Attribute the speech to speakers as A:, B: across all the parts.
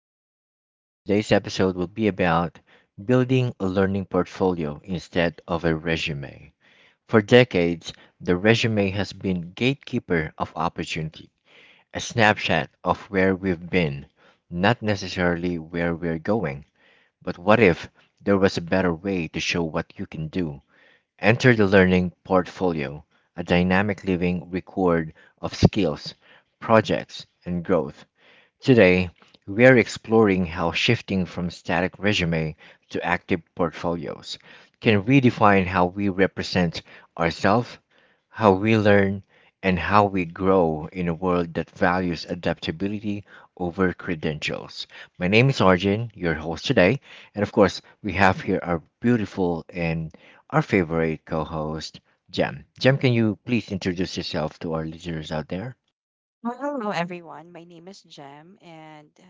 A: podcast. Today's episode will be about building a learning portfolio instead of a resume. For decades, the resume has been gatekeeper of opportunity, a snapshot of where we've been, not necessarily where we're going. But what if there was a better way to show what you can do? Enter the learning portfolio, a dynamic living record of skills, projects, and growth. Today, we are exploring how shifting from static resume to active portfolios can redefine how we represent ourselves, how we learn, and how we grow in a world that values adaptability over credentials. My name is Arjun, your host today, and of course, we have here our beautiful and our favorite co host, Jem. Jem, can you please introduce yourself to our listeners out there?
B: Well, hello everyone. My name is Jem, and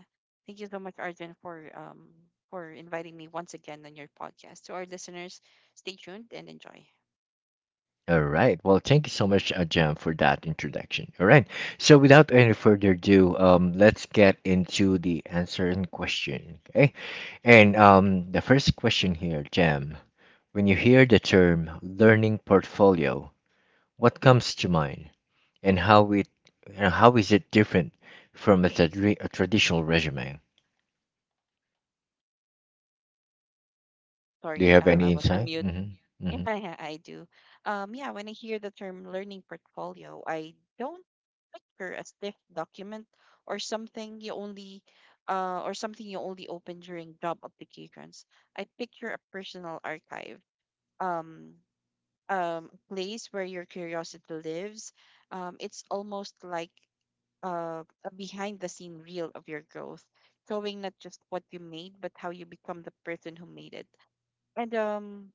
B: thank you so much, Arjun, for inviting me once again on your podcast. To our listeners, stay tuned and enjoy.
A: All right. Well, thank you so much, Jam, for that introduction. All right. So, without any further ado, let's get into the answering question. Okay. And the first question here, Jam, when you hear the term learning portfolio, what comes to mind, and and how is it different from a traditional resume? Do
B: Sorry,
A: you have
B: I
A: any
B: was on
A: insight?
B: mute.
A: Mm-hmm. Mm-hmm.
B: Yeah, yeah, I do. Yeah, when I hear the term learning portfolio, I don't picture a stiff document or something you only open during job applications. I picture a personal archive. Um, place where your curiosity lives, it's almost like a behind the scene reel of your growth, showing not just what you made, but how you become the person who made it. And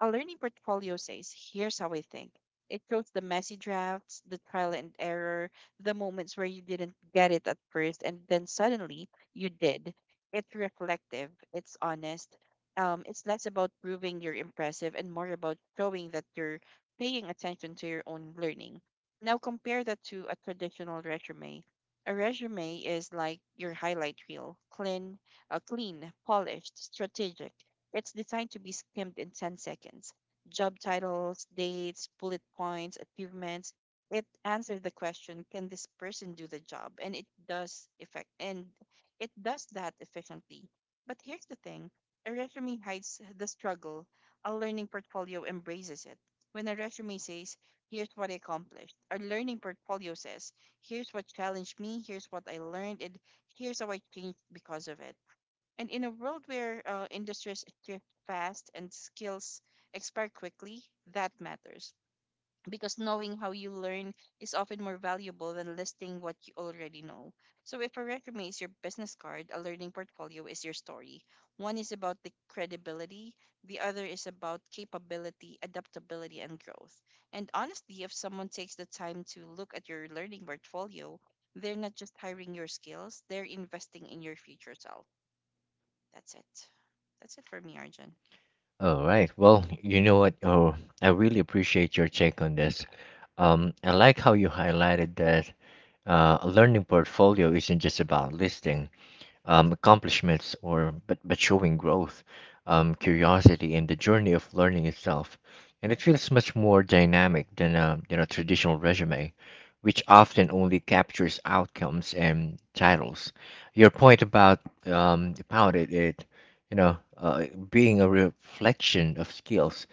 B: a learning portfolio says, here's how I think. It shows the messy drafts, the trial and error, the moments where you didn't get it at first, and then suddenly you did. It's reflective, it's honest. It's less about proving you're impressive and more about showing that you're paying attention to your own learning. Now, compare that to a traditional resume. A resume is like your highlight reel clean, clean, polished, strategic. It's designed to be skimmed in 10 seconds. Job titles, dates, bullet points, achievements. It answers the question, can this person do the job? And it does that efficiently. But here's the thing, a resume hides the struggle. A learning portfolio embraces it. When a resume says, here's what I accomplished, a learning portfolio says, here's what challenged me, here's what I learned, and here's how I changed because of it. And in a world where industries shift fast and skills expire quickly, that matters. Because knowing how you learn is often more valuable than listing what you already know. So, if a resume is your business card, a learning portfolio is your story. One is about the credibility, the other is about capability, adaptability, and growth. And honestly, if someone takes the time to look at your learning portfolio, they're not just hiring your skills, they're investing in your future self. That's it. That's it for me, Arjun.
A: All right. Well, you know what? Oh, I really appreciate your take on this. I like how you highlighted that a learning portfolio isn't just about listing accomplishments, but showing growth, curiosity, and the journey of learning itself. And it feels much more dynamic than a traditional resume, which often only captures outcomes and titles. Your point about it, it you know being a reflection of skills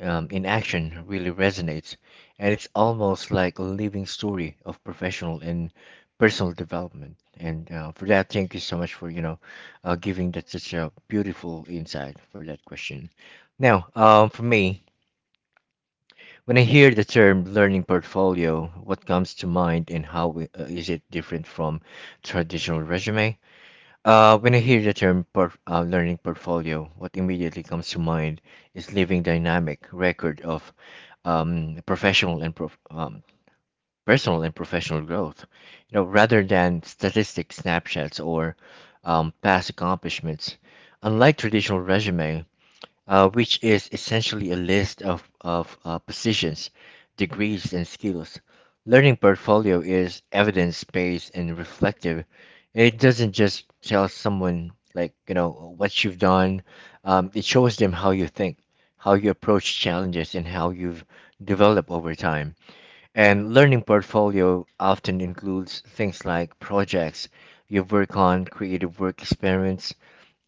A: in action really resonates, and it's almost like a living story of professional and personal development. And for that, thank you so much for giving that such a beautiful insight for that question. Now, for me, when I hear the term learning portfolio, what comes to mind and is it different from traditional resume? When I hear the term learning portfolio, what immediately comes to mind is living dynamic record of um, professional and prof, um, personal and professional growth, you know, rather than statistic snapshots or past accomplishments. Unlike traditional resume, which is essentially a list of positions, degrees, and skills, learning portfolio is evidence-based and reflective. It doesn't just tell someone like what you've done. It shows them how you think, how you approach challenges, and how you've developed over time. And learning portfolio often includes things like projects you work on, creative work experience,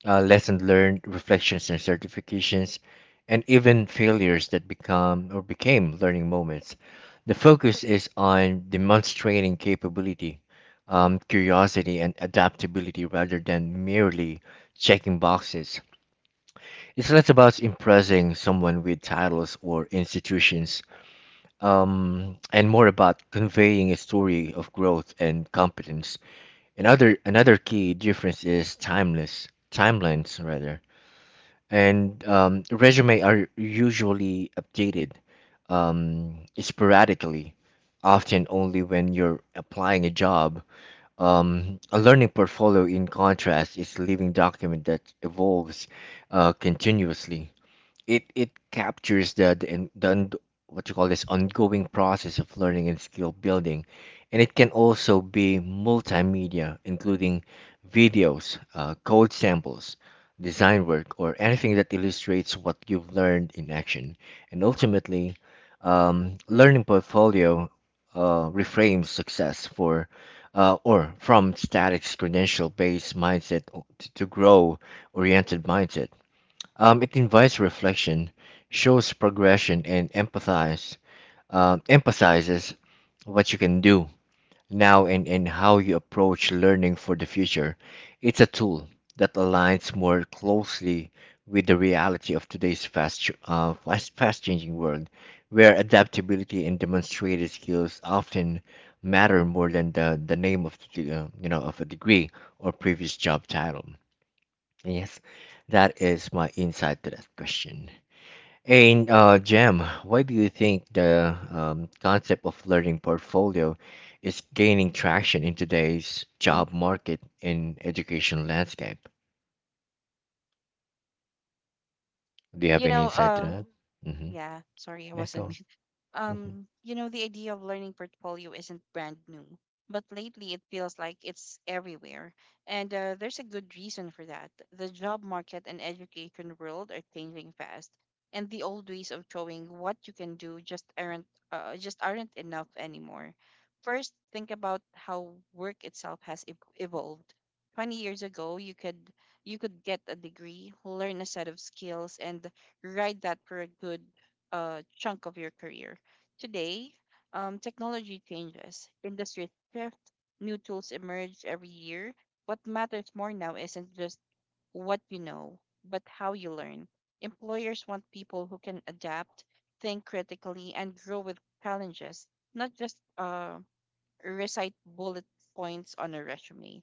A: lessons learned, reflections and certifications, and even failures that become or became learning moments. The focus is on demonstrating capability, curiosity, and adaptability rather than merely checking boxes. It's less about impressing someone with titles or institutions and more about conveying a story of growth and competence. Another key difference is timeless timelines rather, and resume are usually updated sporadically, often only when you're applying a job. A learning portfolio, in contrast, is a living document that evolves continuously. It captures the, in- the und- what you call this ongoing process of learning and skill building, and it can also be multimedia including videos, code samples, design work, or anything that illustrates what you've learned in action. And ultimately, learning portfolio reframes success for or from static credential based mindset to grow oriented mindset. It invites reflection, shows progression, and emphasizes what you can do now, and how you approach learning for the future. It's a tool that aligns more closely with the reality of today's fast changing world, where adaptability and demonstrated skills often matter more than the name of the, of a degree or previous job title. Yes, that is my insight to that question. And Jem, why do you think the concept of learning portfolio is gaining traction in today's
B: Mm.
A: job market and education landscape? Do you have
B: You
A: any
B: know,
A: insight to
B: uh,
A: that? Mm-hmm.
B: yeah, sorry, I
A: Yeah, go
B: wasn't
A: on. Hmm.
B: you know, the idea of learning portfolio isn't brand new, but lately it feels like it's everywhere. And there's a good reason for that. The job market and education world are changing fast, and the old ways of showing what you can do just aren't enough anymore. First, think about how work itself has evolved. 20 years ago, you could get a degree, learn a set of skills, and ride that for a good chunk of your career. Today, technology changes, industries shift, new tools emerge every year. What matters more now isn't just what you know, but how you learn. Employers want people who can adapt, think critically, and grow with challenges, not just recite bullet points on a resume.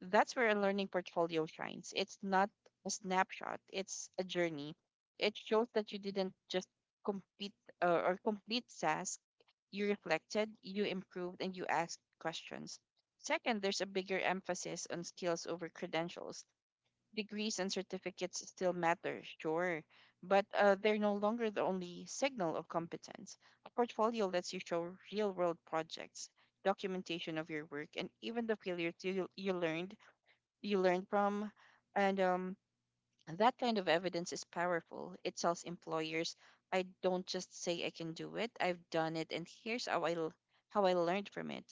B: That's where a learning portfolio shines. It's not a snapshot, it's a journey. It shows that you didn't just complete complete task. You reflected, you improved, and you asked questions. Second, there's a bigger emphasis on skills over credentials. Degrees and certificates still matter, sure, but they're no longer the only signal of competence. A portfolio lets you show real world projects, documentation of your work, and even the failures you learn from and um and that kind of evidence is powerful. It tells employers, I don't just say I can do it, I've done it, and here's how I learned from it.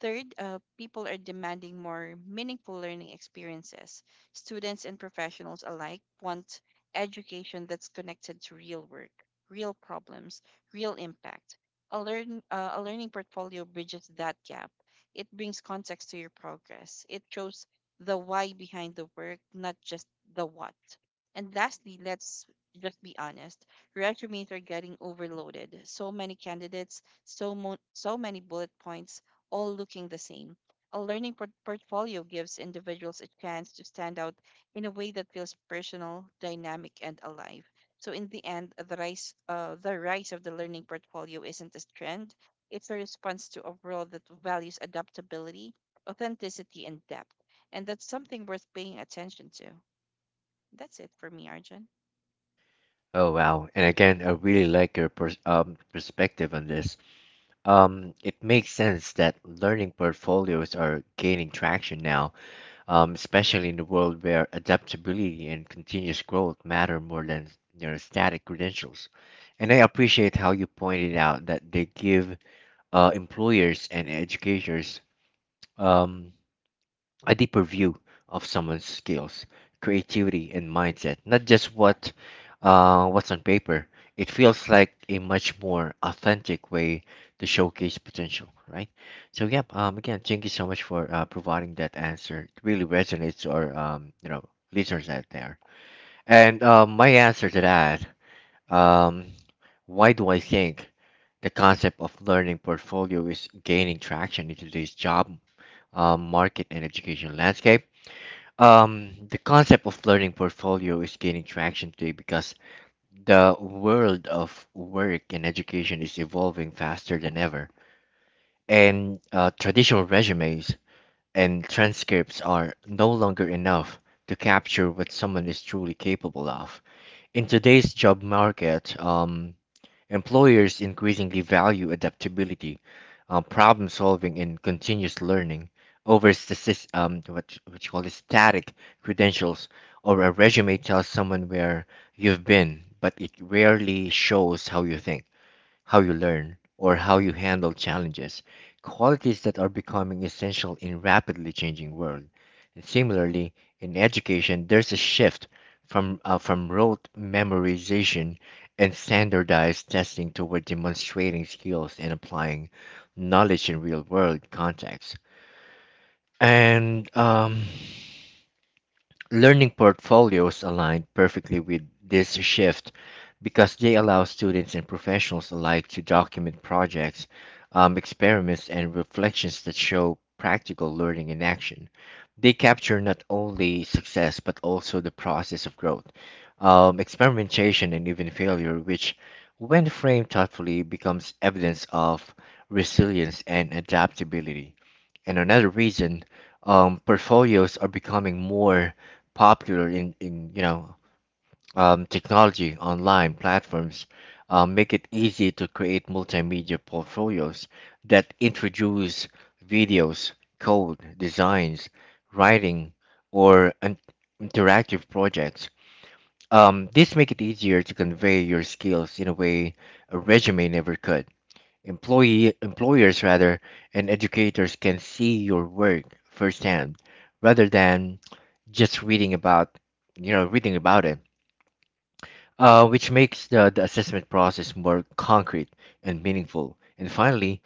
B: Third, people are demanding more meaningful learning experiences. Students and professionals alike want education that's connected to real work, real problems, real impact. A learning portfolio bridges that gap. It brings context to your progress. It shows the why behind the work, not just the what. And lastly, let's just be honest, resumes are getting overloaded. So many candidates, so many bullet points, all looking the same. A portfolio gives individuals a chance to stand out in a way that feels personal, dynamic, and alive. So in the end, the rise of the learning portfolio isn't a trend; it's a response to a world that values adaptability, authenticity, and depth. And that's something worth paying attention to. That's it for me, Arjun.
A: Oh, wow. And again, I really like your perspective on this. It makes sense that learning portfolios are gaining traction now, especially in the world where adaptability and continuous growth matter more than you static credentials. And I appreciate how you pointed out that they give employers and educators um, a deeper view of someone's skills, creativity, and mindset, not just what's on paper. It feels like a much more authentic way to showcase potential, right? So, yep. Again, thank you so much for providing that answer. It really resonates to our listeners out there. And my answer to that, um, why do I think the concept of learning portfolio is gaining traction in today's job market and education landscape? The concept of learning portfolio is gaining traction today because the world of work and education is evolving faster than ever. And traditional resumes and transcripts are no longer enough to capture what someone is truly capable of. In today's job market, employers increasingly value adaptability, problem solving, and continuous learning over statis- what you call it, static credentials, or a resume tells someone where you've been, but it rarely shows how you think, how you learn, or how you handle challenges, qualities that are becoming essential in rapidly changing world. And
B: Mhm,
A: similarly, in education, there's a shift from rote memorization and standardized testing toward demonstrating skills and applying knowledge in real world contexts. And learning portfolios align perfectly with this shift because they allow students and professionals alike to document projects, experiments, and reflections that show practical learning in action. They capture not only success but also the process of growth, experimentation, and even failure, which, when framed thoughtfully, becomes evidence of resilience and adaptability. And another reason portfolios are becoming more popular in technology online platforms make it easy to create multimedia portfolios that introduce videos, code, designs, writing, or an interactive projects. This make it easier to convey your skills in a way a resume never could. Employee Employers rather and educators can see your work firsthand rather than just reading about reading about it, which makes the assessment process more concrete and meaningful. And finally,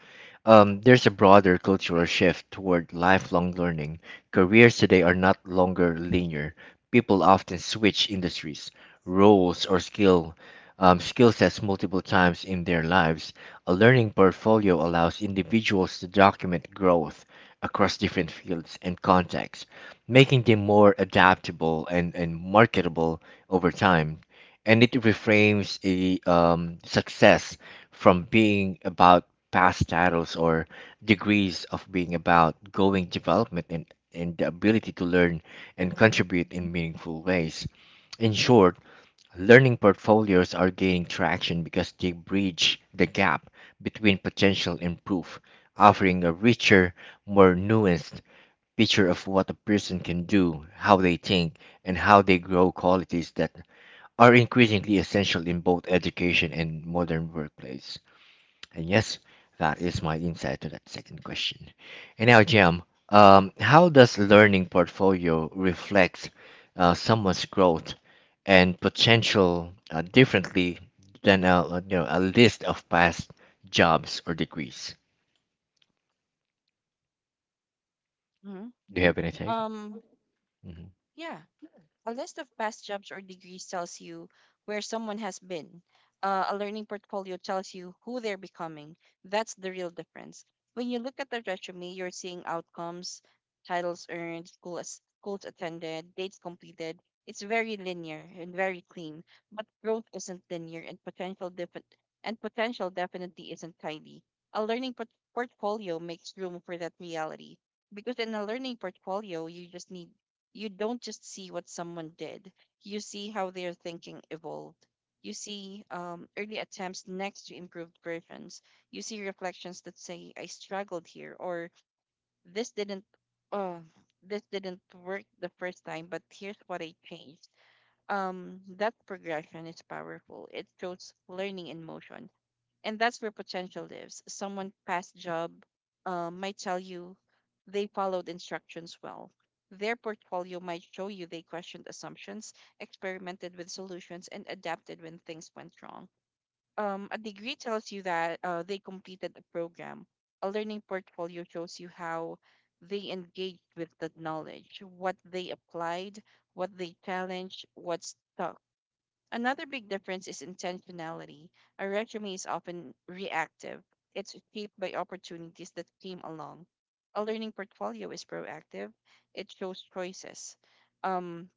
A: there's a broader cultural shift toward lifelong learning. Careers today are not longer linear. People often switch industries, roles, or skill sets multiple times in their lives. A learning portfolio allows individuals to document growth across different fields and contexts, making them more adaptable and, marketable over time, and it reframes a success from being about past titles or degrees of being about going development and, the ability to learn and
B: mhm,
A: contribute in meaningful ways. In short, learning portfolios are gaining traction because they bridge the gap between potential and proof, offering a richer, more nuanced picture of what a person can do, how they think, and how they grow, qualities that are increasingly essential in both education and modern workplace. And yes, that is my insight to that second question. And now, Jim, how does learning portfolio reflect someone's growth and potential differently than a, you know a list of past jobs or degrees?
B: mhm.
A: Do you have anything?
B: Um, yeah, a list of past jobs or degrees tells you where someone has been. A learning portfolio tells you who they're becoming. That's the real difference. When you look at the resume, you're seeing outcomes, titles earned, schools attended, dates completed. It's very linear and very clean, but growth isn't linear and potential definitely isn't tidy. A portfolio makes room for that reality because in a learning portfolio, you don't just see what someone did, you see how their thinking evolved. You see early attempts next to improved versions. You see reflections that say, I struggled here, or this didn't. Uh, this didn't work the first time, but here's what I changed. That progression is powerful. It shows learning in motion. And that's where potential lives. Someone past job might tell you they followed instructions well. Their portfolio might show you they questioned assumptions, experimented with solutions, and adapted when things went wrong. A degree tells you that they completed a program. A learning portfolio shows you how they engaged with the knowledge, what they applied, what they challenged, what stuck. Another big difference is intentionality. A resume is often reactive, it's shaped by opportunities that came along. A learning portfolio is proactive, it shows choices. Um,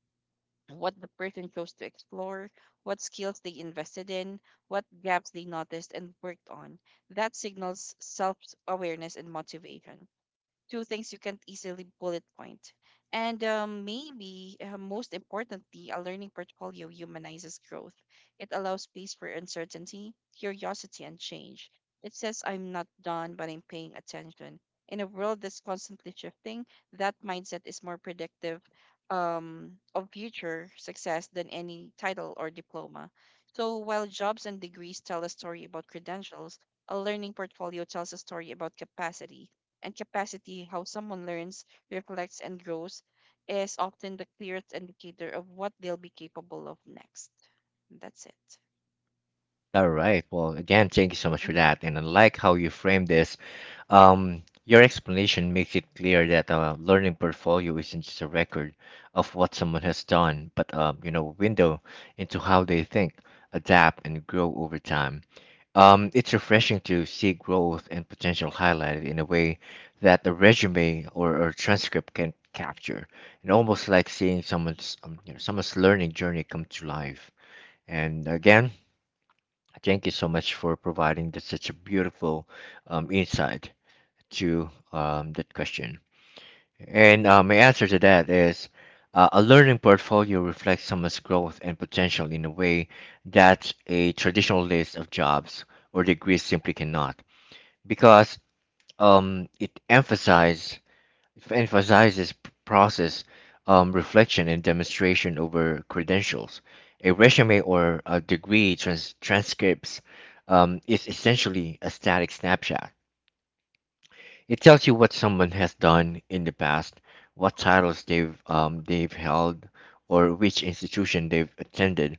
B: what the person chose to explore, what skills they invested in, what gaps they noticed and worked on. That signals self awareness and motivation two things you can't easily bullet point. And maybe most importantly, a learning portfolio humanizes growth. It allows space for uncertainty, curiosity, and change. It says, I'm not done, but I'm paying attention. In a world that's constantly shifting, that mindset is more predictive of future success than any title or diploma. So while jobs and degrees tell a story about credentials, a learning portfolio tells a story about capacity and capacity, how someone learns, reflects, and grows, is often the clearest indicator of what they'll be capable of next. That's it.
A: All right. Well, again, thank you so much for
B: Mm-hmm.
A: that. And I like how you frame this. Your explanation makes it clear that a learning portfolio isn't just a record of what someone has done, but window into how they think, adapt, and grow over time. It's refreshing to see growth and potential highlighted in a way that the resume or transcript can capture, and almost like seeing someone's learning journey come to life. And again, thank you so much for providing that such a beautiful insight to that question. And my answer to that is a learning portfolio reflects someone's growth and potential in a way that a traditional list of jobs or degrees simply cannot, because um, it emphasizes it emphasizes process, reflection, and demonstration over credentials. A resume or a degree transcripts is essentially a static snapshot. It tells you what someone has done in the past, what titles they've held, or which institution they've attended.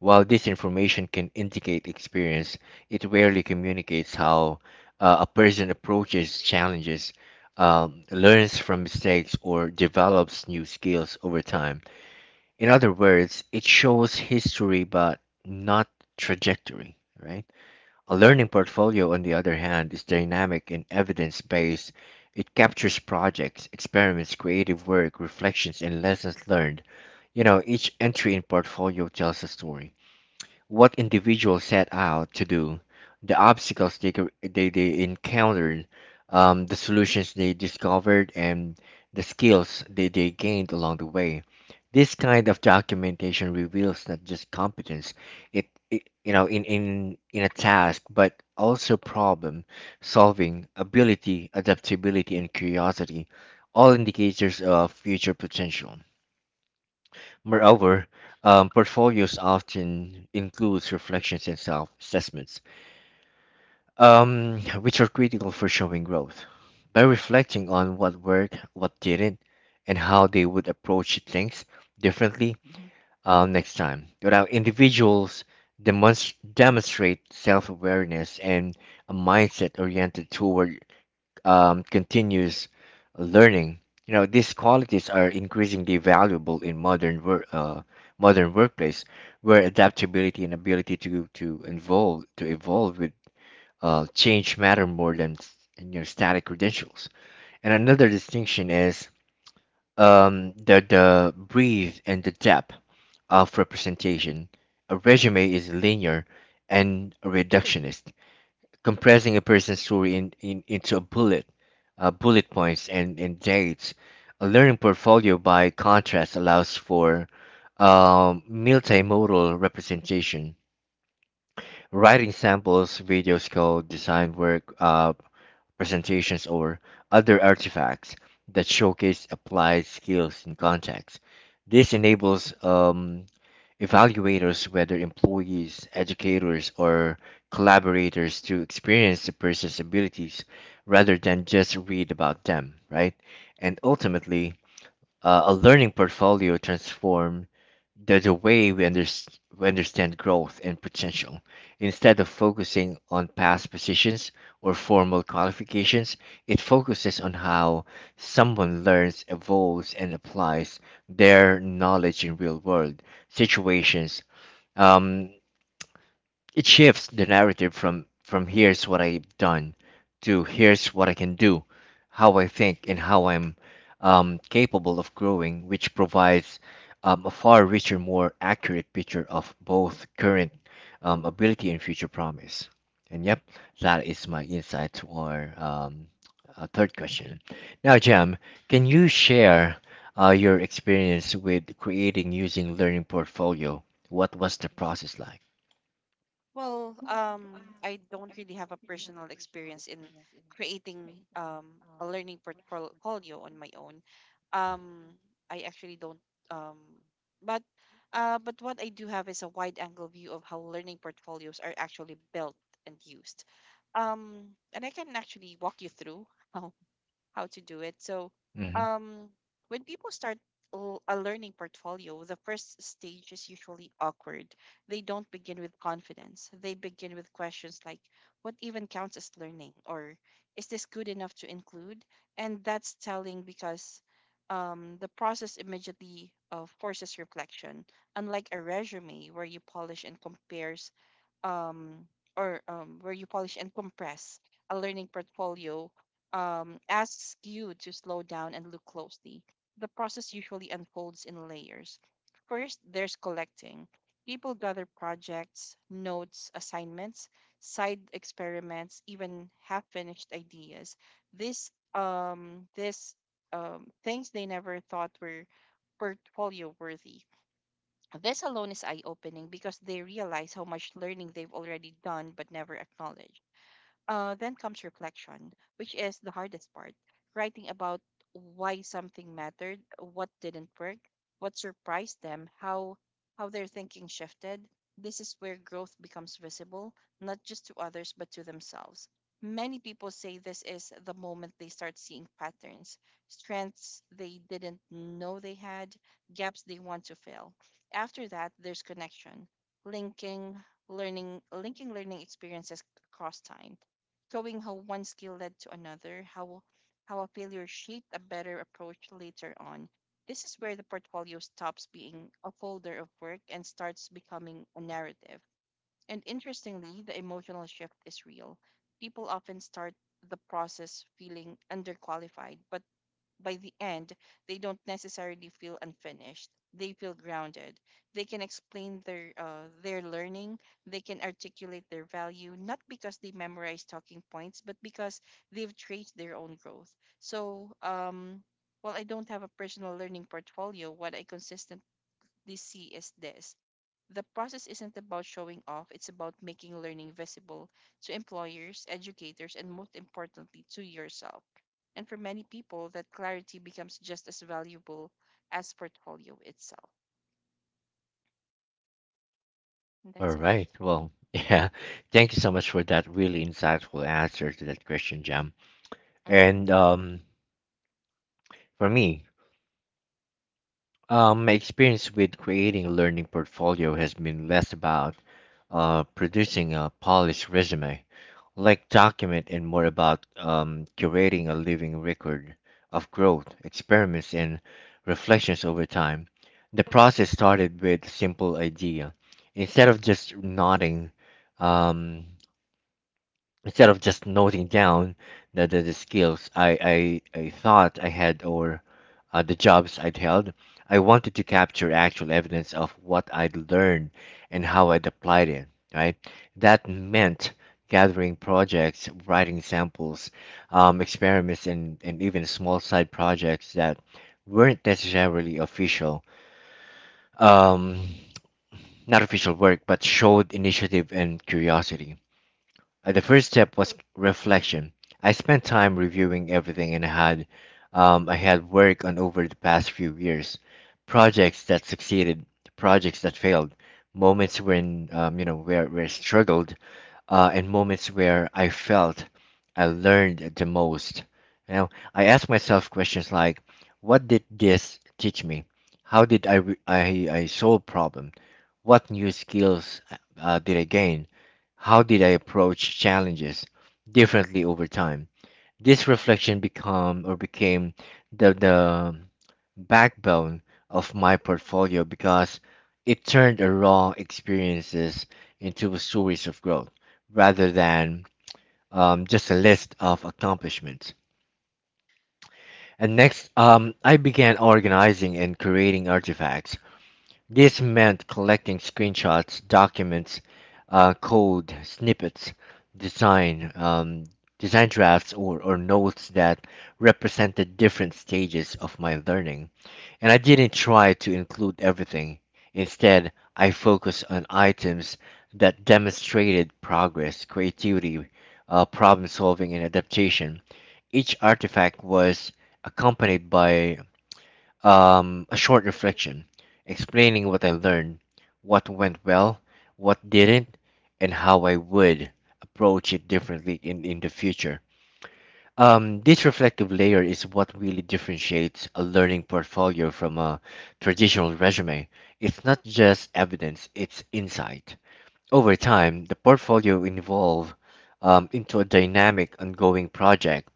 A: While this information can indicate experience, it rarely communicates how a person approaches challenges, learns from mistakes, or develops new skills over time. In other words, it shows history but not trajectory, right? A learning portfolio, on the other hand, is dynamic and evidence based. It captures projects, experiments, creative work, reflections, and lessons learned. Each entry in portfolio tells a story what individuals set out to do, the obstacles they encountered, the solutions they discovered, and the skills they gained along the way. This kind of documentation reveals not just competence, it you know, in a task, but also problem solving, ability, adaptability, and curiosity, all indicators of future potential. Moreover, portfolios often includes reflections and self-assessments, which are critical for showing growth. By reflecting on what worked, what didn't, and how they would approach things differently next time, without individuals demonstrate self-awareness and a mindset oriented toward continuous learning. These qualities are increasingly valuable in modern workplace, where adaptability and ability to evolve with change matter more than static credentials. And another distinction is the breadth and the depth of representation. A resume is linear and reductionist, compressing a person's story into a bullet points and dates. A learning portfolio, by contrast, allows for multimodal representation. Writing samples, videos, code, design work, presentations, or other artifacts that showcase applied skills in context. This enables evaluators, whether employees, educators, or collaborators, to experience a person's abilities rather than just read about them, right? And ultimately, a learning portfolio transforms the way we understand growth and potential. Instead of focusing on past positions or formal qualifications, it focuses on how someone learns, evolves, and applies their knowledge in real world situations. um, it shifts the narrative from here's what I've done to here's what I can do, how I think, and how I'm capable of growing, which provides a far richer, more accurate picture of both current ability and future promise. And yep, that is my insight to our third question. Now, Jam, can you share your experience with creating using Learning Portfolio? What was the process like?
B: Well, I don't really have a personal experience in creating a learning portfolio on my own. Um, I actually don't. Um, but but what I do have is a wide angle view of how learning portfolios are actually built and used. And I can actually walk you through how how to do it. So,
A: Mhm.
B: um, when people start a learning portfolio, the first stage is usually awkward. They don't begin with confidence. They begin with questions like, what even counts as learning? Or is this good enough to include? And that's telling because the process immediately forces reflection, unlike a resume where you polish and um, compress a learning portfolio asks you to slow down and look closely. The process usually unfolds in layers. First, there's collecting. People gather projects, notes, assignments, side experiments, even half finished ideas. This this things they never thought were portfolio worthy this alone is eye opening because they realize how much learning they've already done but never acknowledged. Then comes reflection, which is the hardest part writing about why something mattered, what didn't work, what surprised them, how their thinking shifted. This is where growth becomes visible, not just to others, but to themselves. Many people say this is the moment they start seeing patterns, strengths they didn't know they had, gaps they want to fill. After that, there's connection, linking linking learning experiences across time showing how one skill led to another, how a failure shaped a better approach later on. This is where the portfolio stops being a folder of work and starts becoming a narrative. And interestingly, the emotional shift is real. People often start the process feeling underqualified, but by the end, they don't necessarily feel unfinished. They feel grounded. They can explain their learning. They can articulate their value, not because they memorize talking points, but because they've traced their own growth. So, while I don't have a personal learning portfolio, what I consistently see is this the process isn't about showing off, it's about making learning visible to employers, educators, and most importantly, to yourself. And for many people, that clarity becomes just as valuable as portfolio itself. And
A: All
B: that's it.
A: right. Well, yeah. Thank you so much for that really insightful answer to that question, Jam.
B: Mm-hmm.
A: And for me, my experience with creating a learning portfolio has been less about producing a polished resume, like document, and more about curating a living record of growth, experiments, and reflections over time. The process started with a simple idea. Instead of just nodding, um, Instead of just noting down the skills I thought I had or the jobs I'd held, I wanted to capture actual evidence of what I'd learned and how I'd applied it, right? That meant gathering projects, writing samples, experiments, and even small side projects that weren't necessarily official, um, not official work, but showed initiative and curiosity. The first step was reflection. I spent time reviewing everything and had I had worked on over the past few years, projects that succeeded, projects that failed, moments when where I struggled, and moments where I felt I learned the most. You know, I asked myself questions like, "What did this teach me? How did I solve problems? What new skills did I gain? How did I approach challenges differently over time?" This reflection become or became the backbone of my portfolio because it turned a raw experiences into a series of growth rather than just a list of accomplishments. And next, I began organizing and creating artifacts. This meant collecting screenshots, documents, code snippets, design, um, design drafts, or notes that represented different stages of my learning. And I didn't try to include everything. Instead, I focused on items that demonstrated progress, creativity, problem solving, and adaptation. Each artifact was accompanied by a short reflection, explaining what I learned, what went well, what didn't, and how I would approach it differently in the future. This reflective layer is what really differentiates a learning portfolio from a traditional resume. It's not just evidence, it's insight. Over time, the portfolio evolves into a dynamic, ongoing project.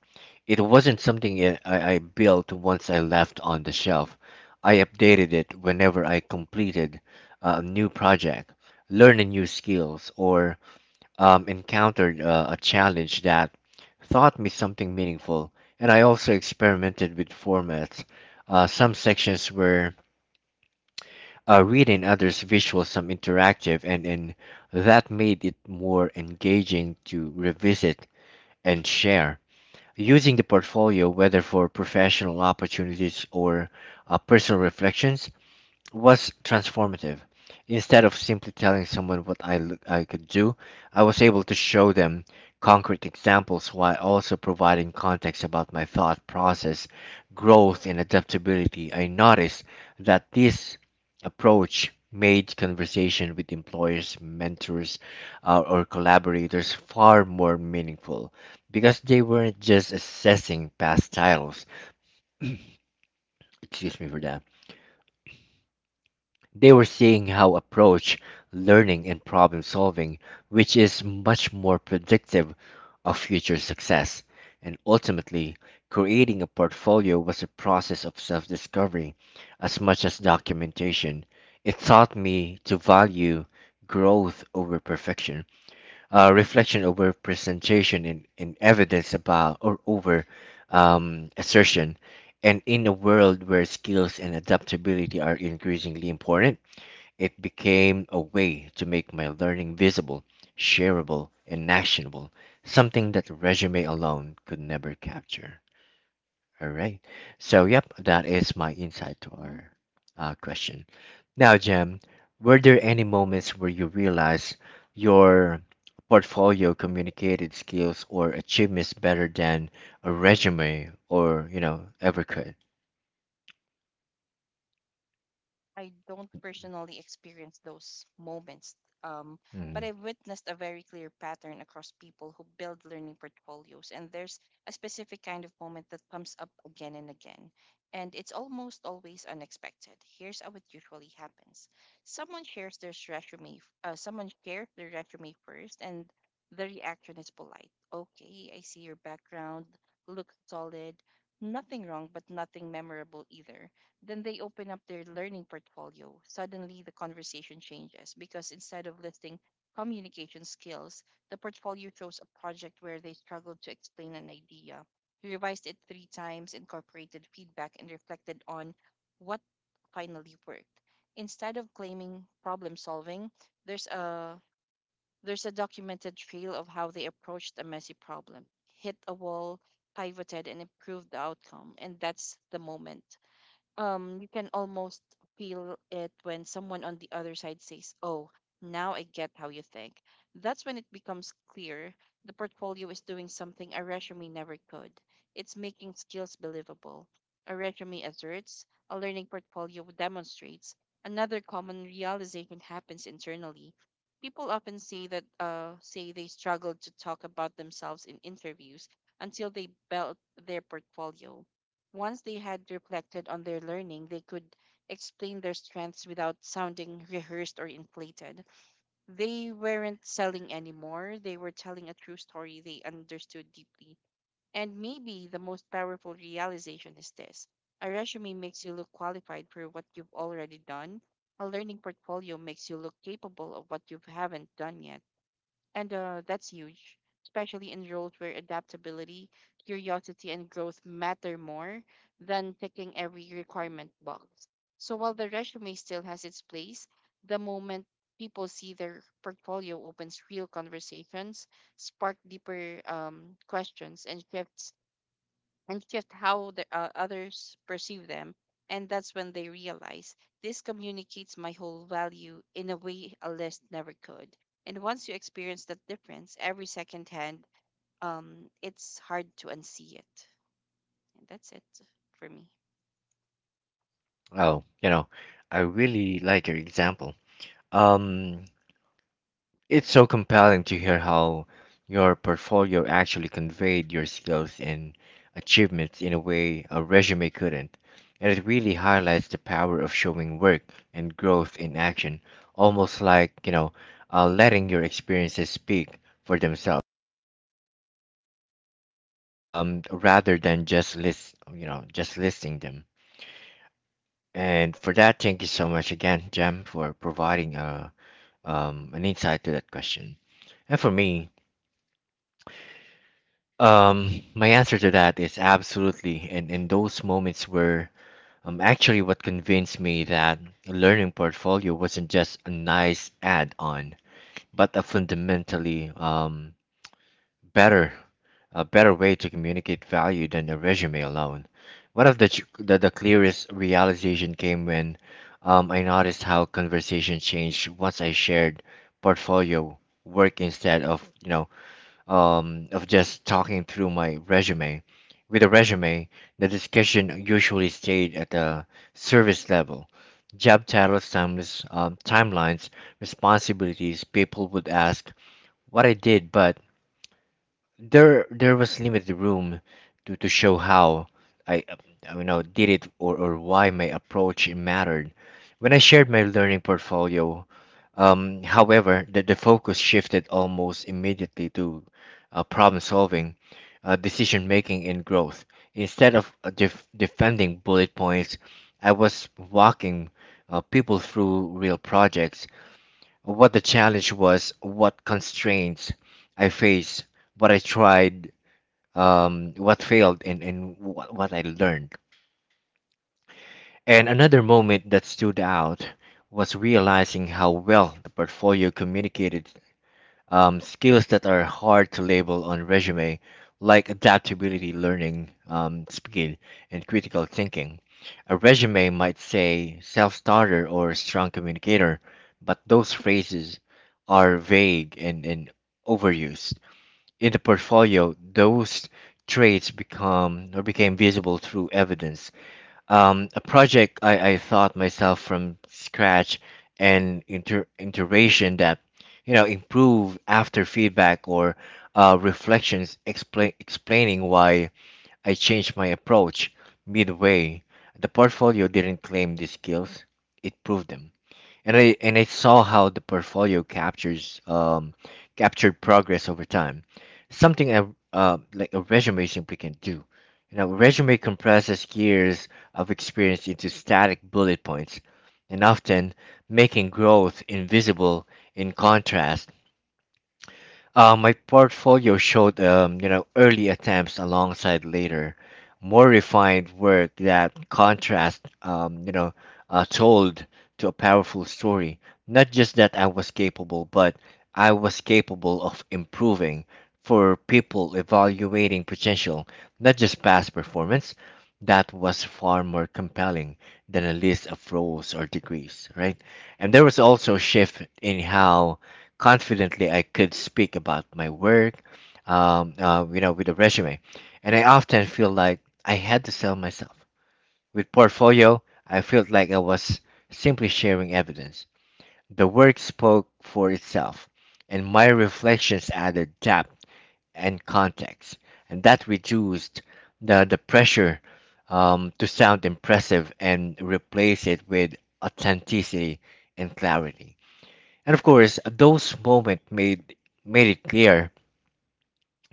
A: It wasn't something I built once I left on the shelf. I updated it whenever I completed a new project, learned new skills, or encountered a challenge that taught me something meaningful. And I also experimented with formats. Some sections were reading, others visual, some interactive, and that made it more engaging to revisit and share. Using the portfolio, whether for professional opportunities or personal reflections, was transformative. Instead of simply telling someone what I, look, I could do, I was able to show them concrete examples while also providing context about my thought process, growth, and adaptability. I noticed that this approach made conversation with employers, mentors, or collaborators far more meaningful because they weren't just assessing past titles. Excuse me for that. They were seeing how approach learning and problem solving, which is much more predictive of future success, and ultimately creating a portfolio was a process of self discovery as much as documentation. It taught me to value growth over perfection, reflection over presentation, and evidence about or over assertion. And in a world where skills and adaptability are increasingly important, it became a way to make my learning visible, shareable, and actionable, something that resume alone could never capture. All right. So, yep, that is my insight to our question. Now, Jem, were there any moments where you realized your portfolio communicated skills or achievements better than a resume or, you know, ever could?
B: I don't personally experience those moments, um, but
A: Mm.
B: I've witnessed a very clear pattern across people who build learning portfolios, and there's a specific kind of moment that comes up again and again, and it's almost always unexpected. Here's how it usually happens: someone shares their resume first, and the reaction is polite. Okay, I see your background, looks solid, nothing wrong, but nothing memorable either. Then they open up their learning portfolio. Suddenly, the conversation changes because instead of listing communication skills, the portfolio shows a project where they struggled to explain an idea, revised it three times, incorporated feedback, and reflected on what finally worked. Instead of claiming problem solving, there's a there's a documented trail of how they approached a messy problem, hit a wall, pivoted, and improved the outcome. And that's the moment, you can almost feel it when someone on the other side says, "Oh, now I get how you think." That's when it becomes clear the portfolio is doing something a resume never could. It's making skills believable. A resume asserts; a learning portfolio demonstrates. Another common realization happens internally. People often say they struggle to talk about themselves in interviews until they built their portfolio. Once they had reflected on their learning, they could explain their strengths without sounding rehearsed or inflated. They weren't selling anymore, they were telling a true story they understood deeply. And maybe the most powerful realization is this: a resume makes you look qualified for what you've already done, a learning portfolio makes you look capable of what you haven't done yet. And that's huge, especially in roles where adaptability, curiosity, and growth matter more than ticking every requirement box. So while the resume still has its place, the moment people see their portfolio opens real conversations, spark deeper questions, and shifts and shift how the others perceive them. And that's when they realize this communicates my whole value in a way a list never could. And once you experience that difference every second hand, it's hard to unsee it. And that's it for me.
A: Oh, you know, I really like your example. Um, It's so compelling to hear how your portfolio actually conveyed your skills and achievements in a way a resume couldn't. And it really highlights the power of showing work and growth in action, almost like, you know, letting your experiences speak for themselves, rather than just list, you know, just listing them. And for that, thank you so much again, Jem, for providing a, an insight to that question. And for me, my answer to that is absolutely. And in those moments were actually what convinced me that a learning portfolio wasn't just a nice add-on, but a fundamentally better a better way to communicate value than a resume alone. One of the clearest realization came when I noticed how conversation changed once I shared portfolio work instead of of just talking through my resume. With a resume, the discussion usually stayed at the service level. Job titles, timelines, responsibilities. People would ask what I did, but there was limited room to show how I, did it or why my approach mattered. When I shared my learning portfolio, however, the focus shifted almost immediately to problem solving, decision making, and growth. Instead of defending bullet points, I was walking people through real projects. What the challenge was, what constraints I faced, what I tried, what failed, and what I learned. And another moment that stood out was realizing how well the portfolio communicated skills that are hard to label on resume, like adaptability, learning speed, and critical thinking. A resume might say self-starter or strong communicator, but those phrases are vague and overused. In the portfolio, those traits become or became visible through evidence a project I thought myself from scratch and inter iteration that you know improve after feedback or reflections explain explaining why I changed my approach midway. The portfolio didn't claim these skills, it proved them. And I saw how the portfolio captures captured progress over time, something a like a resume simply can do. You know, a resume compresses years of experience into static bullet points, and often making growth invisible. In contrast, my portfolio showed, you know, early attempts alongside later, more refined work. That contrast, told to a powerful story. Not just that I was capable, but I was capable of improving for people evaluating potential, not just past performance. That was far more compelling than a list of roles or degrees, right? And there was also a shift in how confidently I could speak about my work, with a resume, and I often feel like I had to sell myself. With portfolio, I felt like I was simply sharing evidence. The work spoke for itself, and my reflections added depth and context, and that reduced the pressure to sound impressive and replace it with authenticity and clarity. And of course, those moments made made it clear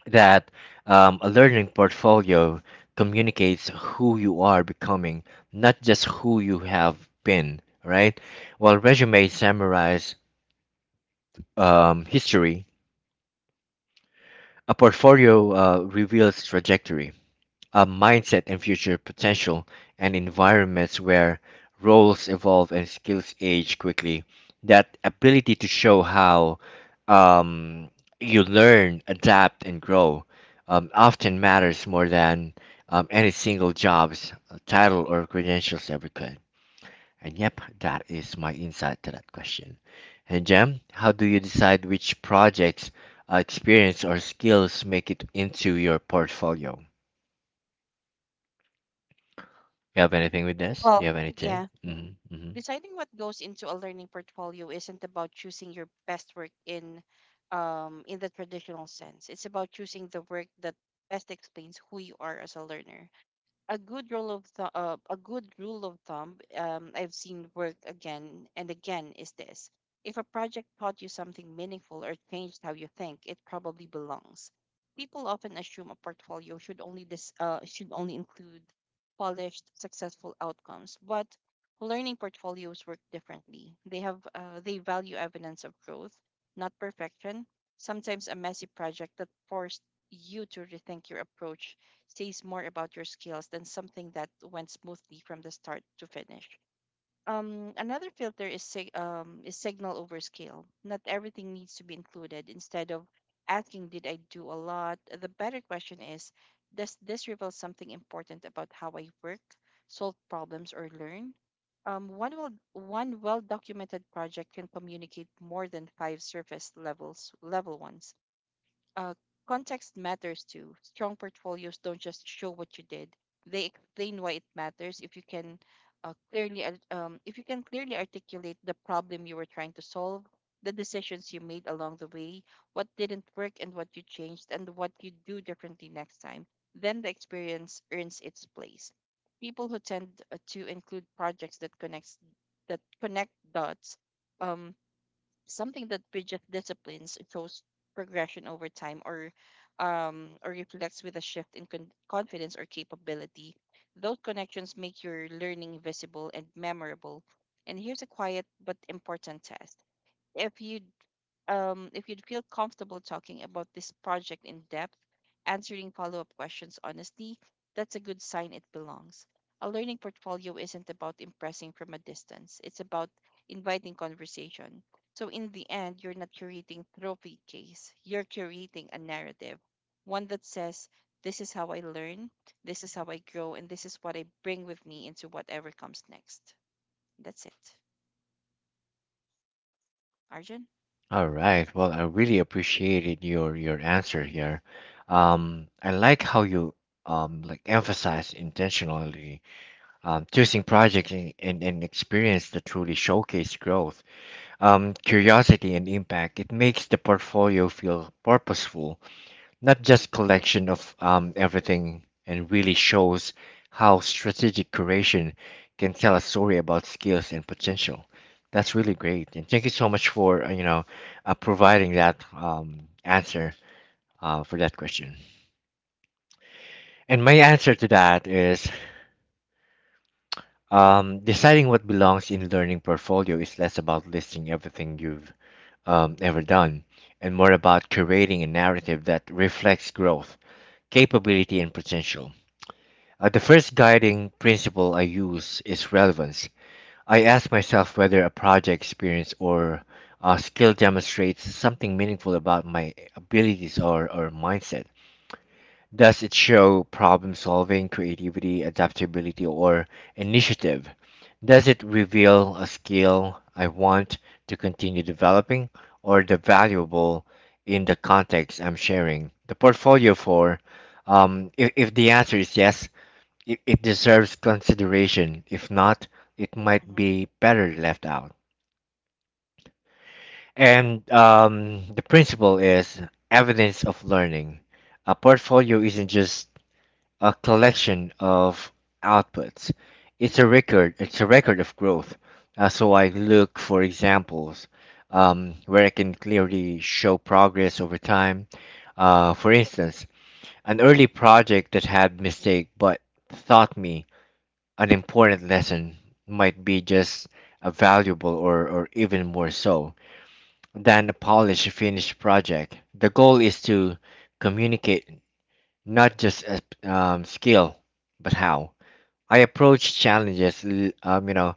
A: that a learning portfolio communicates who you are becoming, not just who you have been, right? While resumes summarize history, a portfolio reveals trajectory. A mindset, and future potential, and environments where roles evolve and skills age quickly. That ability to show how um, you learn, adapt, and grow often matters more than any single job's title or credentials ever could. And yep, that is my insight to that question. And Jem, how do you decide which projects, experience, or skills make it into your portfolio? You have anything with this? Do you
B: Well,
A: have anything?
B: yeah.
A: Mm-hmm, mm-hmm.
B: Deciding what goes into a learning portfolio isn't about choosing your best work in the traditional sense. It's about choosing the work that best explains who you are as a learner. A good rule of thumb I've seen work again and again is this: if a project taught you something meaningful or changed how you think, it probably belongs. People often assume a portfolio should only dis- should only include polished, successful outcomes, but learning portfolios work differently. They value evidence of growth, not perfection. Sometimes a messy project that forced you to rethink your approach says more about your skills than something that went smoothly from the start to finish. Another filter is signal over scale. Not everything needs to be included. Instead of asking, "Did I do a lot?" the better question is, "Does this reveal something important about how I work, solve problems, or learn?" One well documented project can communicate more than five surface level ones. uh, Context matters too. Strong portfolios don't just show what you did; they explain why it matters. If you can clearly, ar- if you can clearly articulate the problem you were trying to solve, the decisions you made along the way, what didn't work, and what you changed, and what you do differently next time, then the experience earns its place. People who tend to include projects that connect dots. Um, Something that bridges disciplines, shows progression over time, or reflects with a shift in confidence or capability those connections make your learning visible and memorable. And here's a quiet but important test: if you if you'd feel comfortable talking about this project in depth, answering follow up questions honestly, that's a good sign it belongs. A learning portfolio isn't about impressing from a distance, it's about inviting conversation. So, in the end, you're not curating trophy case, you're curating a narrative, one that says, this is how I learn, this is how I grow, and this is what I bring with me into whatever comes next. That's it. Arjun?
A: All right. Well, I really appreciated your answer here. I like how you like emphasize intentionally choosing projects and experience that truly showcase growth, curiosity and impact. It makes the portfolio feel purposeful, not just collection of everything, and really shows how strategic curation can tell a story about skills and potential. That's really great, and thank you so much for you know, providing that answer for that question. And my answer to that is, deciding what belongs in learning portfolio is less about listing everything you've ever done and more about curating a narrative that reflects growth, capability, and potential. The first guiding principle I use is relevance. I ask myself whether a project, experience, or skill demonstrates something meaningful about my abilities or mindset. Does it show problem solving, creativity, adaptability, or initiative? Does it reveal a skill I want to continue developing or the valuable in the context I'm sharing? The portfolio for, if the answer is yes, it deserves consideration. If not, it might
B: Hmm.
A: be better left out. And the principle is evidence of learning. A portfolio isn't just a collection of outputs. It's a record. It's a record of growth. So I look for examples where I can clearly show progress over time. For instance, an early project that had mistake but taught me an important lesson might be just as valuable or even more so than a polished finished project. The goal is to communicate not just a, skill, but how. I approach challenges, you know,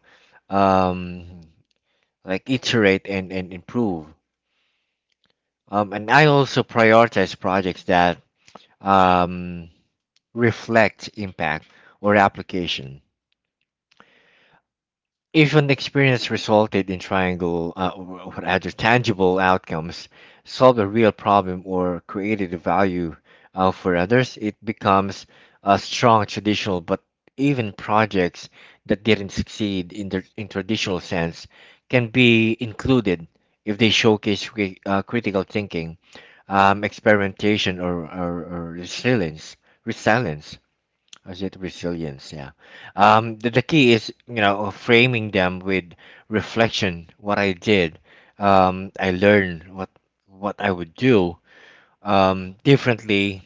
A: um, like iterate and improve. And I also prioritize projects that um, reflect impact or application. Even the experience resulted in triangle, what other tangible outcomes, solved a real problem, or created a value for others, it becomes a strong traditional. But even projects that didn't succeed in the in traditional sense can be included if they showcase critical thinking, experimentation, or resilience. Resilience. Is it resilience? Yeah. The key is, you know, framing them with reflection. What I did, I learned what I would do differently,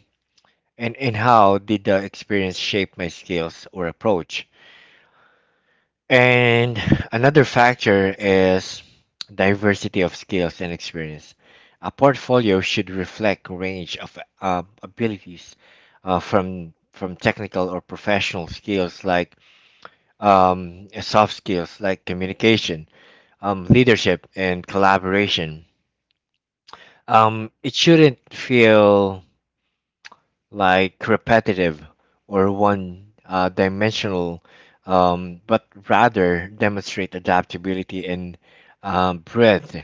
A: and how did the experience shape my skills or approach. And another factor is diversity of skills and experience. A portfolio should reflect range of abilities, from technical or professional skills like soft skills like communication, leadership, and collaboration. It shouldn't feel like repetitive or one dimensional, but rather demonstrate adaptability and breadth.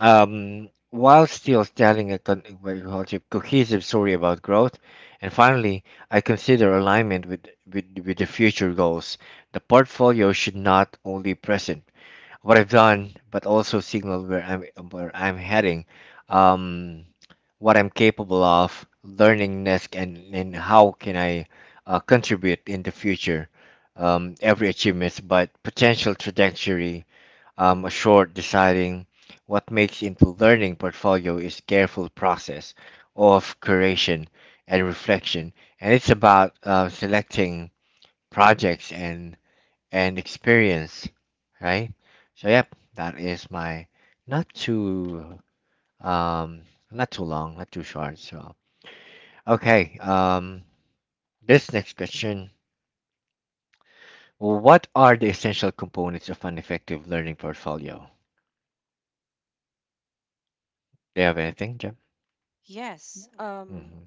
A: While still telling a what you call it, cohesive story about growth. And finally, I consider alignment with the future goals. The portfolio should not only present what I've done, but also signal where I'm heading, um, what I'm capable of, learning next, and how can I contribute in the future. Every achievement, but potential trajectory, a short deciding what makes into learning portfolio is careful process of curation and reflection, and it's about selecting projects and experience, right? So yep, that is my, not too um not too long, not too short. So okay, this next question: what are the essential components of an effective learning portfolio? Do you have anything, Jim?
B: Yes.
A: Mm-hmm.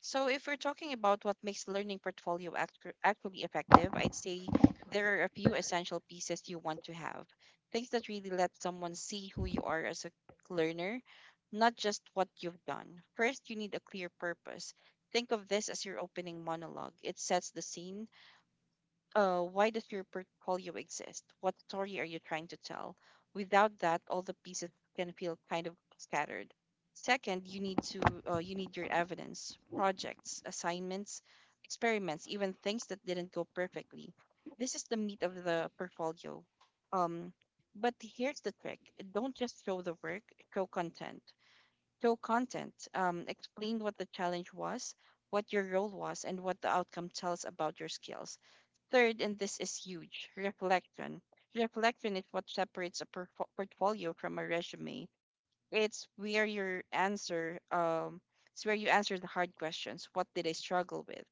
B: So, if we're talking about what makes learning portfolio actually effective, I'd say there are a few essential pieces you want to have. Things that really let someone see who you are as a learner, not just what you've done. First, you need a clear purpose. Think of this as your opening monologue. It sets the scene. Why does your portfolio exist? What story are you trying to tell? Without that, all the pieces can feel kind of scattered. Second, you need your evidence, projects, assignments, experiments, even things that didn't go perfectly. This is the meat of the portfolio. Um, but here's the trick: don't just show the work, show content. Show content. Explain what the challenge was, what your role was, and what the outcome tells about your skills. Third, and this is huge, reflection. Reflection is what separates a portfolio from a resume. It's where your answer, um, it's where you answer the hard questions. What did I struggle with?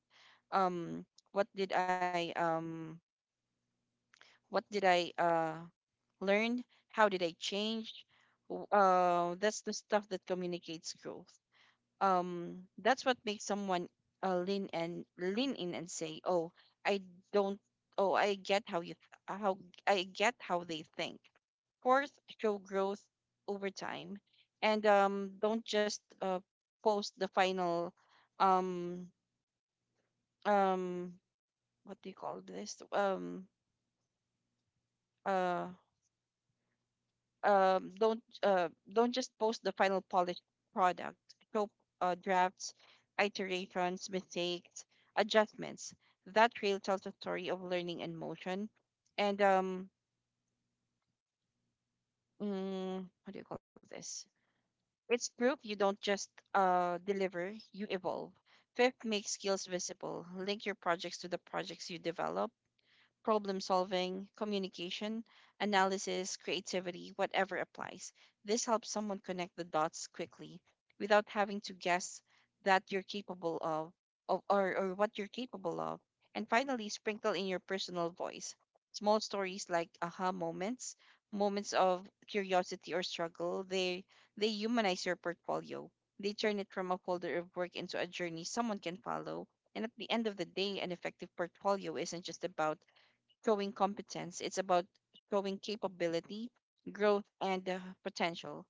B: Um, what did I, um, what did I learn? How did I change? That's the stuff that communicates growth, um that's what makes someone lean in and say, "Oh, I don't oh I get how you th- how I get how they think." Fourth, show growth over time, and don't just post the final um um what do you call this uh don't just post the final polished product. Show drafts, iterations, mistakes, adjustments. That trail tells a story of learning and motion. And mm, what do you call this? It's proof you don't just deliver, you evolve. Fifth, make skills visible. Link your projects to the projects you develop: problem solving, communication, analysis, creativity, whatever applies. This helps someone connect the dots quickly without having to guess that you're capable of or what you're capable of. And finally, sprinkle in your personal voice. Small stories like aha moments, moments of curiosity or struggle, they humanize your portfolio. They turn it from a folder of work into a journey someone can follow. And at the end of the day, an effective portfolio isn't just about showing competence. It's about showing capability, growth, and potential.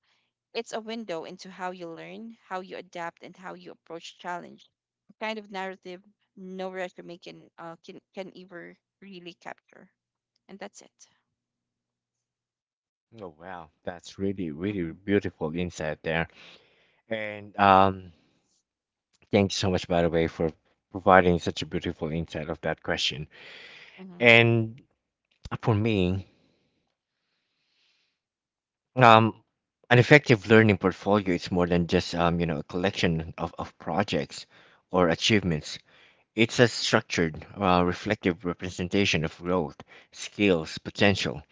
B: It's a window into how you learn, how you adapt, and how you approach challenge. A kind of narrative no resume can ever really capture. And that's it.
A: Oh wow, that's really really
B: Mm-hmm.
A: beautiful insight there, and thanks so much by the way for providing such a beautiful insight of that question.
B: Mm-hmm.
A: And for me, Um, an effective learning portfolio is more than just you know, a collection of projects or achievements. It's a structured, reflective representation of growth, skills, potential.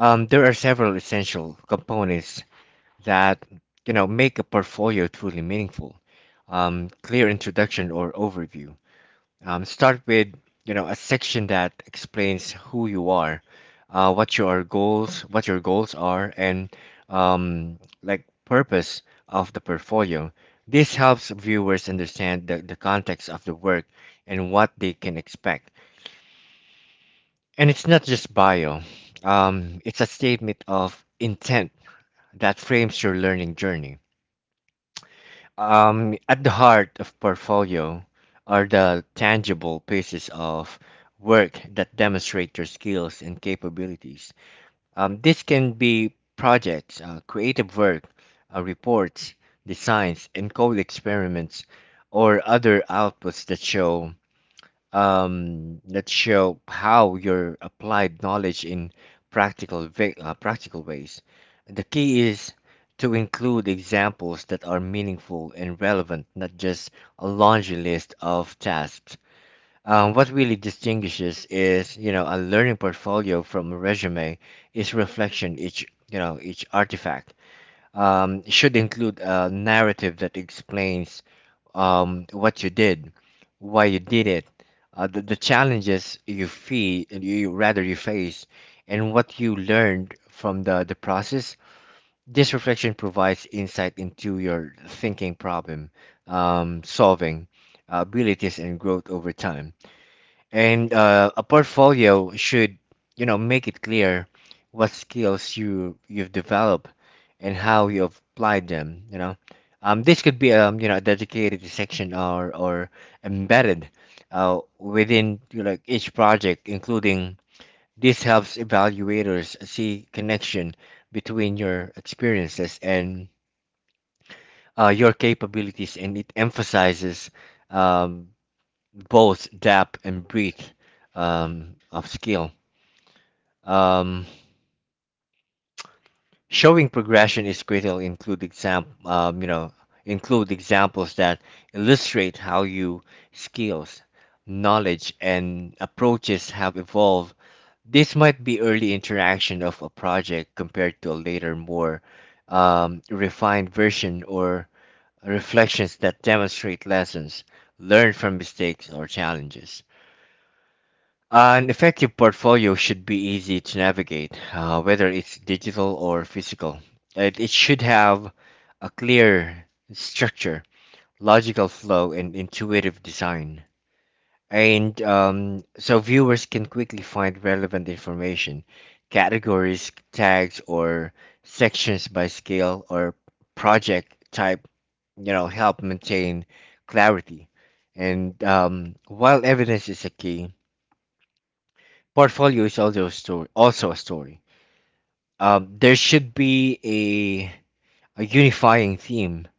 A: There are several essential components that, you know, make a portfolio truly meaningful. Clear introduction or overview, start with, you know, a section that explains who you are, what your goals are, and like purpose of the portfolio. This helps viewers understand the context of the work and what they can expect. And it's not just bio. It's a statement of intent that frames your learning journey. At the heart of portfolio are the tangible pieces of work that demonstrate your skills and capabilities. This can be projects, creative work, reports, designs, and code experiments, or other outputs that show how your applied knowledge in practical ways. The key is to include examples that are meaningful and relevant, not just a laundry list of tasks. What really distinguishes is, you know, a learning portfolio from a resume is reflection. Each, you know, each artifact should include a narrative that explains what you did, why you did it, the challenges you feel, you rather you face, and what you learned from the process. This reflection provides insight into your thinking problem, solving abilities, and growth over time. And a portfolio should, you know, make it clear what skills you you've developed and how you've applied them. You know, this could be you know, a dedicated section or embedded within, you know, like each project, including this helps evaluators see connection between your experiences and your capabilities, and it emphasizes um, both depth and breadth of skill. Um, Showing progression is critical. Include you know, include examples that illustrate how you skills, knowledge, and approaches have evolved. This might be early interaction of a project compared to a later, more refined version, or reflections that demonstrate lessons learned from mistakes or challenges. An effective portfolio should be easy to navigate, whether it's digital or physical. It should have a clear structure, logical flow, and intuitive design. And so viewers can quickly find relevant information, categories, tags, or sections by scale or project type, you know, help maintain clarity. And while evidence is a key, portfolio is also a story, there should be a unifying theme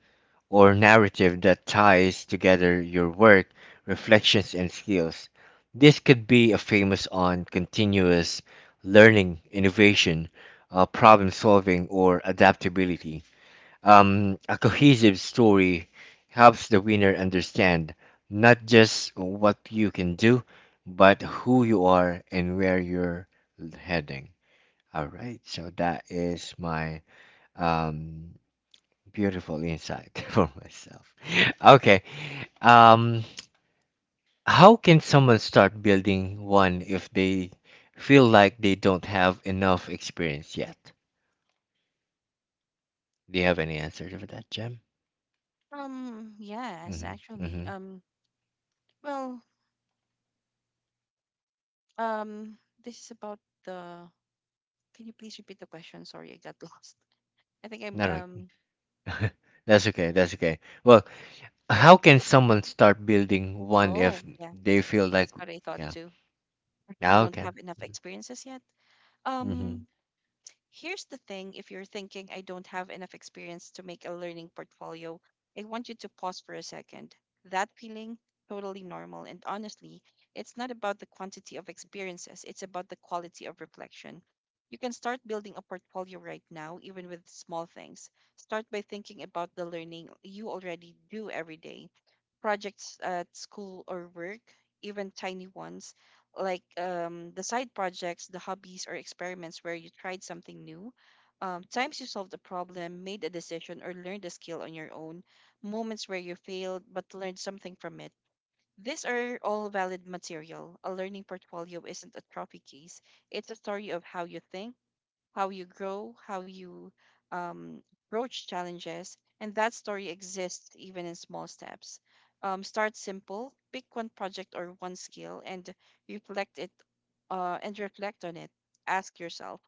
A: or narrative that ties together your work, reflections, and skills. This could be a famous on continuous learning innovation, problem solving, or adaptability. A cohesive story helps the winner understand not just what you can do, but who you are and where you're heading. All right, so that is my um, beautiful insight for myself. Okay, um, how can someone start building one if they feel like they don't have enough experience yet? Do you have any answer for that, Jem?
B: Yes,
A: Mm-hmm,
B: actually.
A: mm-hmm.
B: Well. Um. This is about the. Can you please repeat the question? Sorry, I got lost. I think I'm.
A: No, no. That's okay. That's okay. Well, how can someone start building one
B: Oh,
A: if
B: yeah.
A: they feel like,
B: That's what I thought
A: yeah,
B: too. You
A: ah,
B: don't
A: okay.
B: have enough experiences yet?
A: Mhm.
B: Um, Here's the thing. If you're thinking, "I don't have enough experience to make a learning portfolio," I want you to pause for a second. That feeling, totally normal. And honestly, it's not about the quantity of experiences, it's about the quality of reflection. You can start building a portfolio right now, even with small things. Start by thinking about the learning you already do every day: projects at school or work, even tiny ones, like the side projects, the hobbies, or experiments where you tried something new, times you solved a problem, made a decision, or learned a skill on your own, moments where you failed but learned something from it. These are all valid material. A learning portfolio isn't a trophy case. It's a story of how you think, how you grow, how you um, approach challenges, and that story exists even in small steps. Start simple, pick one project or one skill, and reflect it reflect on it. Ask yourself,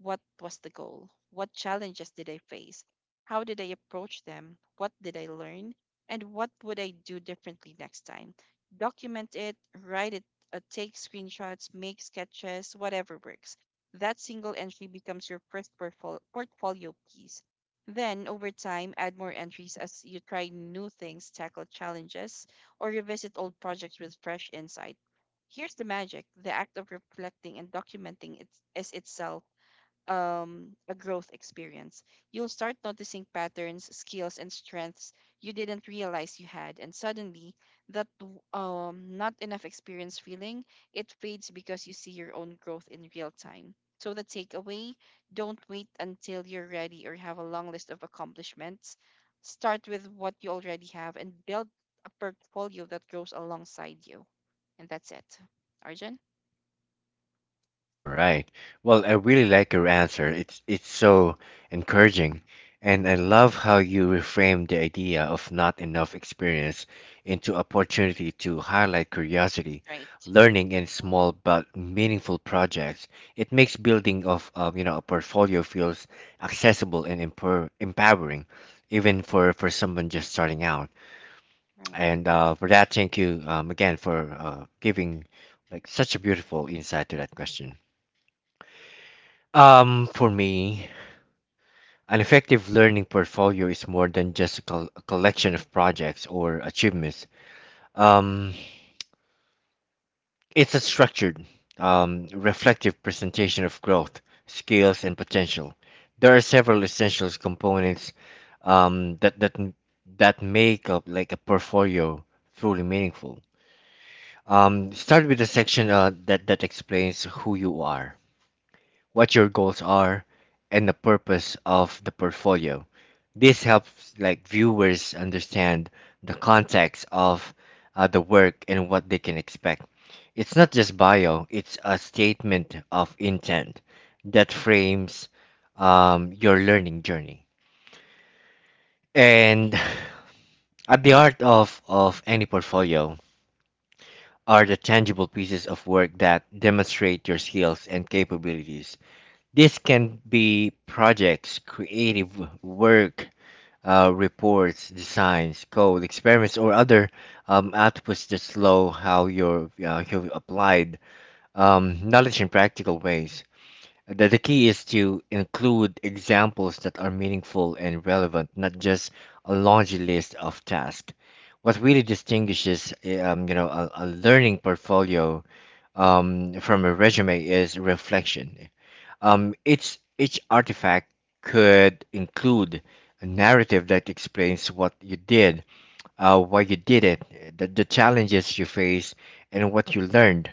B: what was the goal? What challenges did I face? How did I approach them? What did I learn? And what would I do differently next time? Document it, write it, take screenshots, make sketches, whatever works. That single entry becomes your first portfolio piece. Then, over time, add more entries as you try new things, tackle challenges, or revisit old projects with fresh insight. Here's the magic: the act of reflecting and documenting it is itself a growth experience. You'll start noticing patterns, skills, and strengths you didn't realize you had, and suddenly that not enough experience feeling it fades because you see your own growth in real time. So the takeaway: don't wait until you're ready or have a long list of accomplishments. Start with what you already have and build a portfolio that grows alongside you. And that's it. Arjun?
A: All right. Well, I really like your answer. It's so encouraging, and I love
B: Mhm.
A: how you reframe the idea of not enough experience into opportunity to highlight curiosity,
B: Right.
A: learning, and
B: Mhm.
A: small but meaningful projects. It makes building of, you know, a portfolio feels accessible and empower empowering, even for someone just starting out.
B: Right.
A: And for that, thank you again for giving like such a beautiful insight to that question. For me, an effective learning portfolio is more than just a collection of projects or achievements. Um, it's a structured, reflective presentation of growth, skills, and potential. There are several essential components um, that that m- that make up like a portfolio truly meaningful. Start with a section that explains who you are, what your goals are, and the purpose of the portfolio. This helps like viewers understand the context of the work and what they can expect. It's not just bio, it's a statement of intent that frames your learning journey. And at the heart of any portfolio are the tangible pieces of work that demonstrate your skills and capabilities. This can be projects, creative work, reports, designs, code, experiments, or other outputs that show how your you've applied knowledge in practical ways. The key is to include examples that are meaningful and relevant, not just a laundry list of tasks. What really distinguishes, you know, a learning portfolio from a resume is reflection, each artifact could include a narrative that explains what you did, why you did it, the challenges you faced, and what you learned.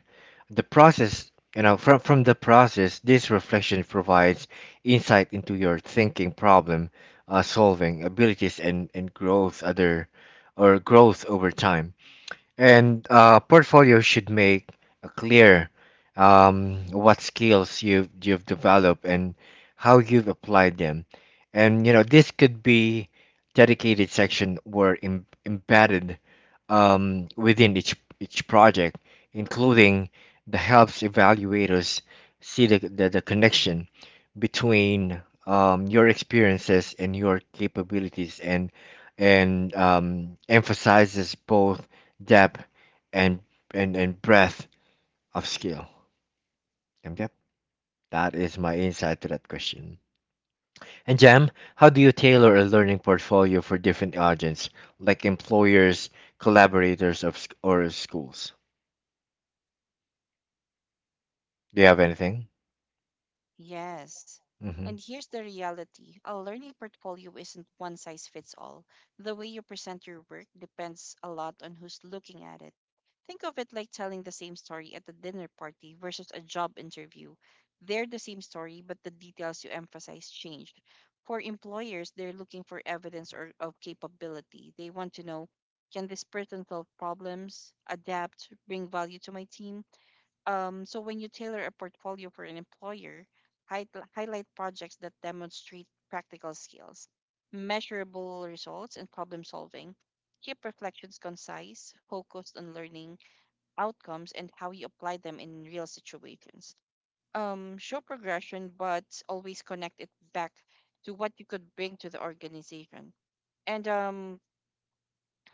A: The process, you know, from the process, this reflection provides insight into your thinking, problem solving abilities, and growth other or growth over time. And portfolio should make a clear what skills you've developed and how you've applied them. And you know this could be dedicated section or embedded within each project, including the helps evaluators see the the connection between your experiences and your capabilities and emphasizes both depth and and breadth of skill. Yep, that is my insight to that question. And Jam, how do you tailor a learning portfolio for different audience, like employers, collaborators of or schools? Do you have anything?
B: Yes.
A: Hmm.
B: And here's the reality: a learning portfolio isn't one size fits all. The way you present your work depends a lot on who's looking at it. Think of it like telling the same story at a dinner party versus a job interview. They're the same story, but the details you emphasize changed. For employers, they're looking for evidence or, of capability. They want to know, can this person solve problems, adapt, bring value to my team? So when you tailor a portfolio for an employer, hi- highlight projects that demonstrate practical skills, measurable results, and problem solving. Keep reflections concise, focused on learning outcomes and how you apply them in real situations. Show progression, but always connect it back to what you could bring to the organization. And um,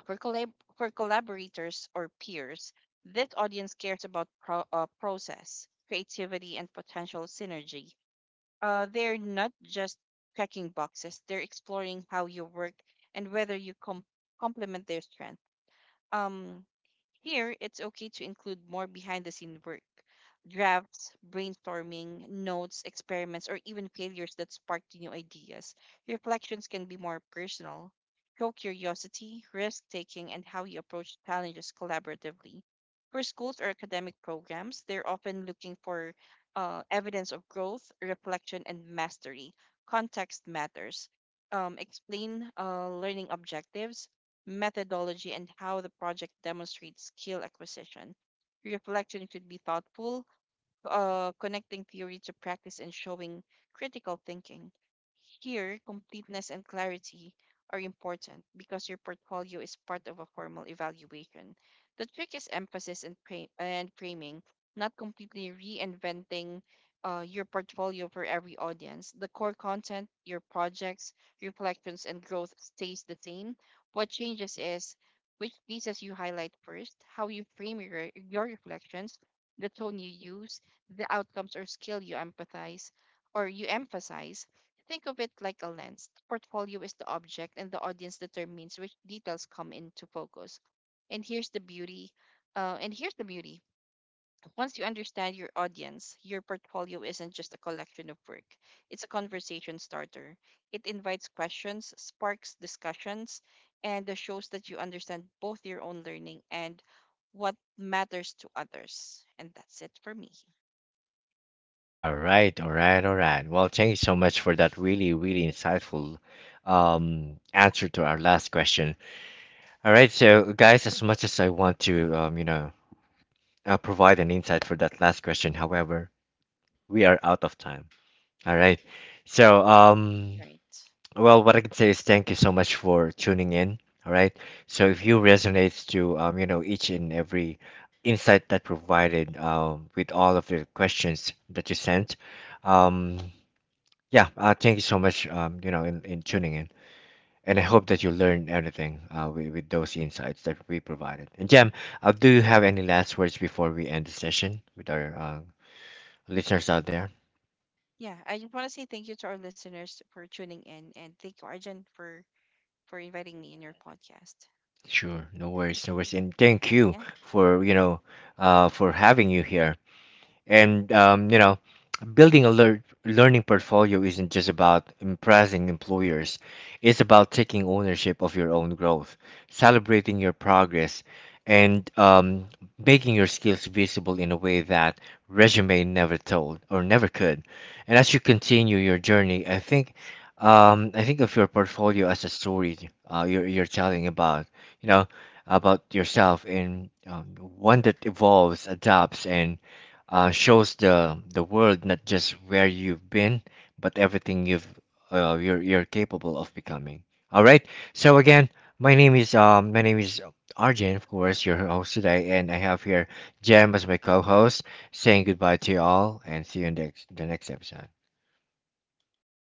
B: for, collab- for collaborators or peers, this audience cares about process, creativity, and potential synergy. They're not just checking boxes; they're exploring how you work and whether you complement their strength. Um, Here, it's okay to include more behind the scene work: drafts, brainstorming, notes, experiments, or even failures that sparked new ideas. Reflections can be more personal, show curiosity, risk taking, and how you approach challenges collaboratively. For schools or academic programs, they're often looking for evidence of growth, reflection, and mastery. Context matters. Explain learning objectives, methodology, and how the project demonstrates skill acquisition. Reflection should be thoughtful, connecting theory to practice and showing critical thinking. Here, completeness and clarity are important because your portfolio is part of a formal evaluation. The trick is emphasis and, and framing, not completely reinventing your portfolio for every audience. The core content, your projects, reflections, and growth stays the same. What changes is which pieces you highlight first, how you frame your reflections, the tone you use, the outcomes or skill you empathize or you emphasize. Think of it like a lens. The portfolio is the object, and the audience determines which details come into focus. And here's the beauty. And here's the beauty. Once you understand your audience, your portfolio isn't just a collection of work. It's a conversation starter. It invites questions, sparks discussions, and shows that you understand both your own learning and what matters to others. And that's it for me,
A: All right, all right, all right. Well, thank you so much for that really, really insightful answer to our last question. All right, so guys, as much as I want to, you know, provide an insight for that last question, however, we are out of time. All right. So,
B: right?
A: well, what I can say is thank you so much for tuning in. All right. So, if you resonates to you know, each and every insight that provided with all of the questions that you sent, um, yeah, thank you so much. You know, in tuning in, and I hope that you learned anything with those insights that we provided. And Jam, do you have any last words before we end the session with our listeners out there?
B: Yeah, I just want to say thank you to our listeners for tuning in, and thank you, Arjun, for inviting me in your podcast.
A: Sure, no worries, no worries, and thank you
B: Yeah.
A: for, you know, for having you here. And you know, building a learning portfolio isn't just about impressing employers. It's about taking ownership of your own growth, celebrating your progress, and making your skills visible in a way that resume never told or never could. And as you continue your journey, I think I think of your portfolio as a story you're telling about, you know, about yourself and one that evolves, adapts, and shows the world not just where you've been, but everything you've you're capable of becoming. All right. So again, my name is Arjun, of course, your host today, and I have here Jem as my co-host, saying goodbye to you all, and see you in the next episode.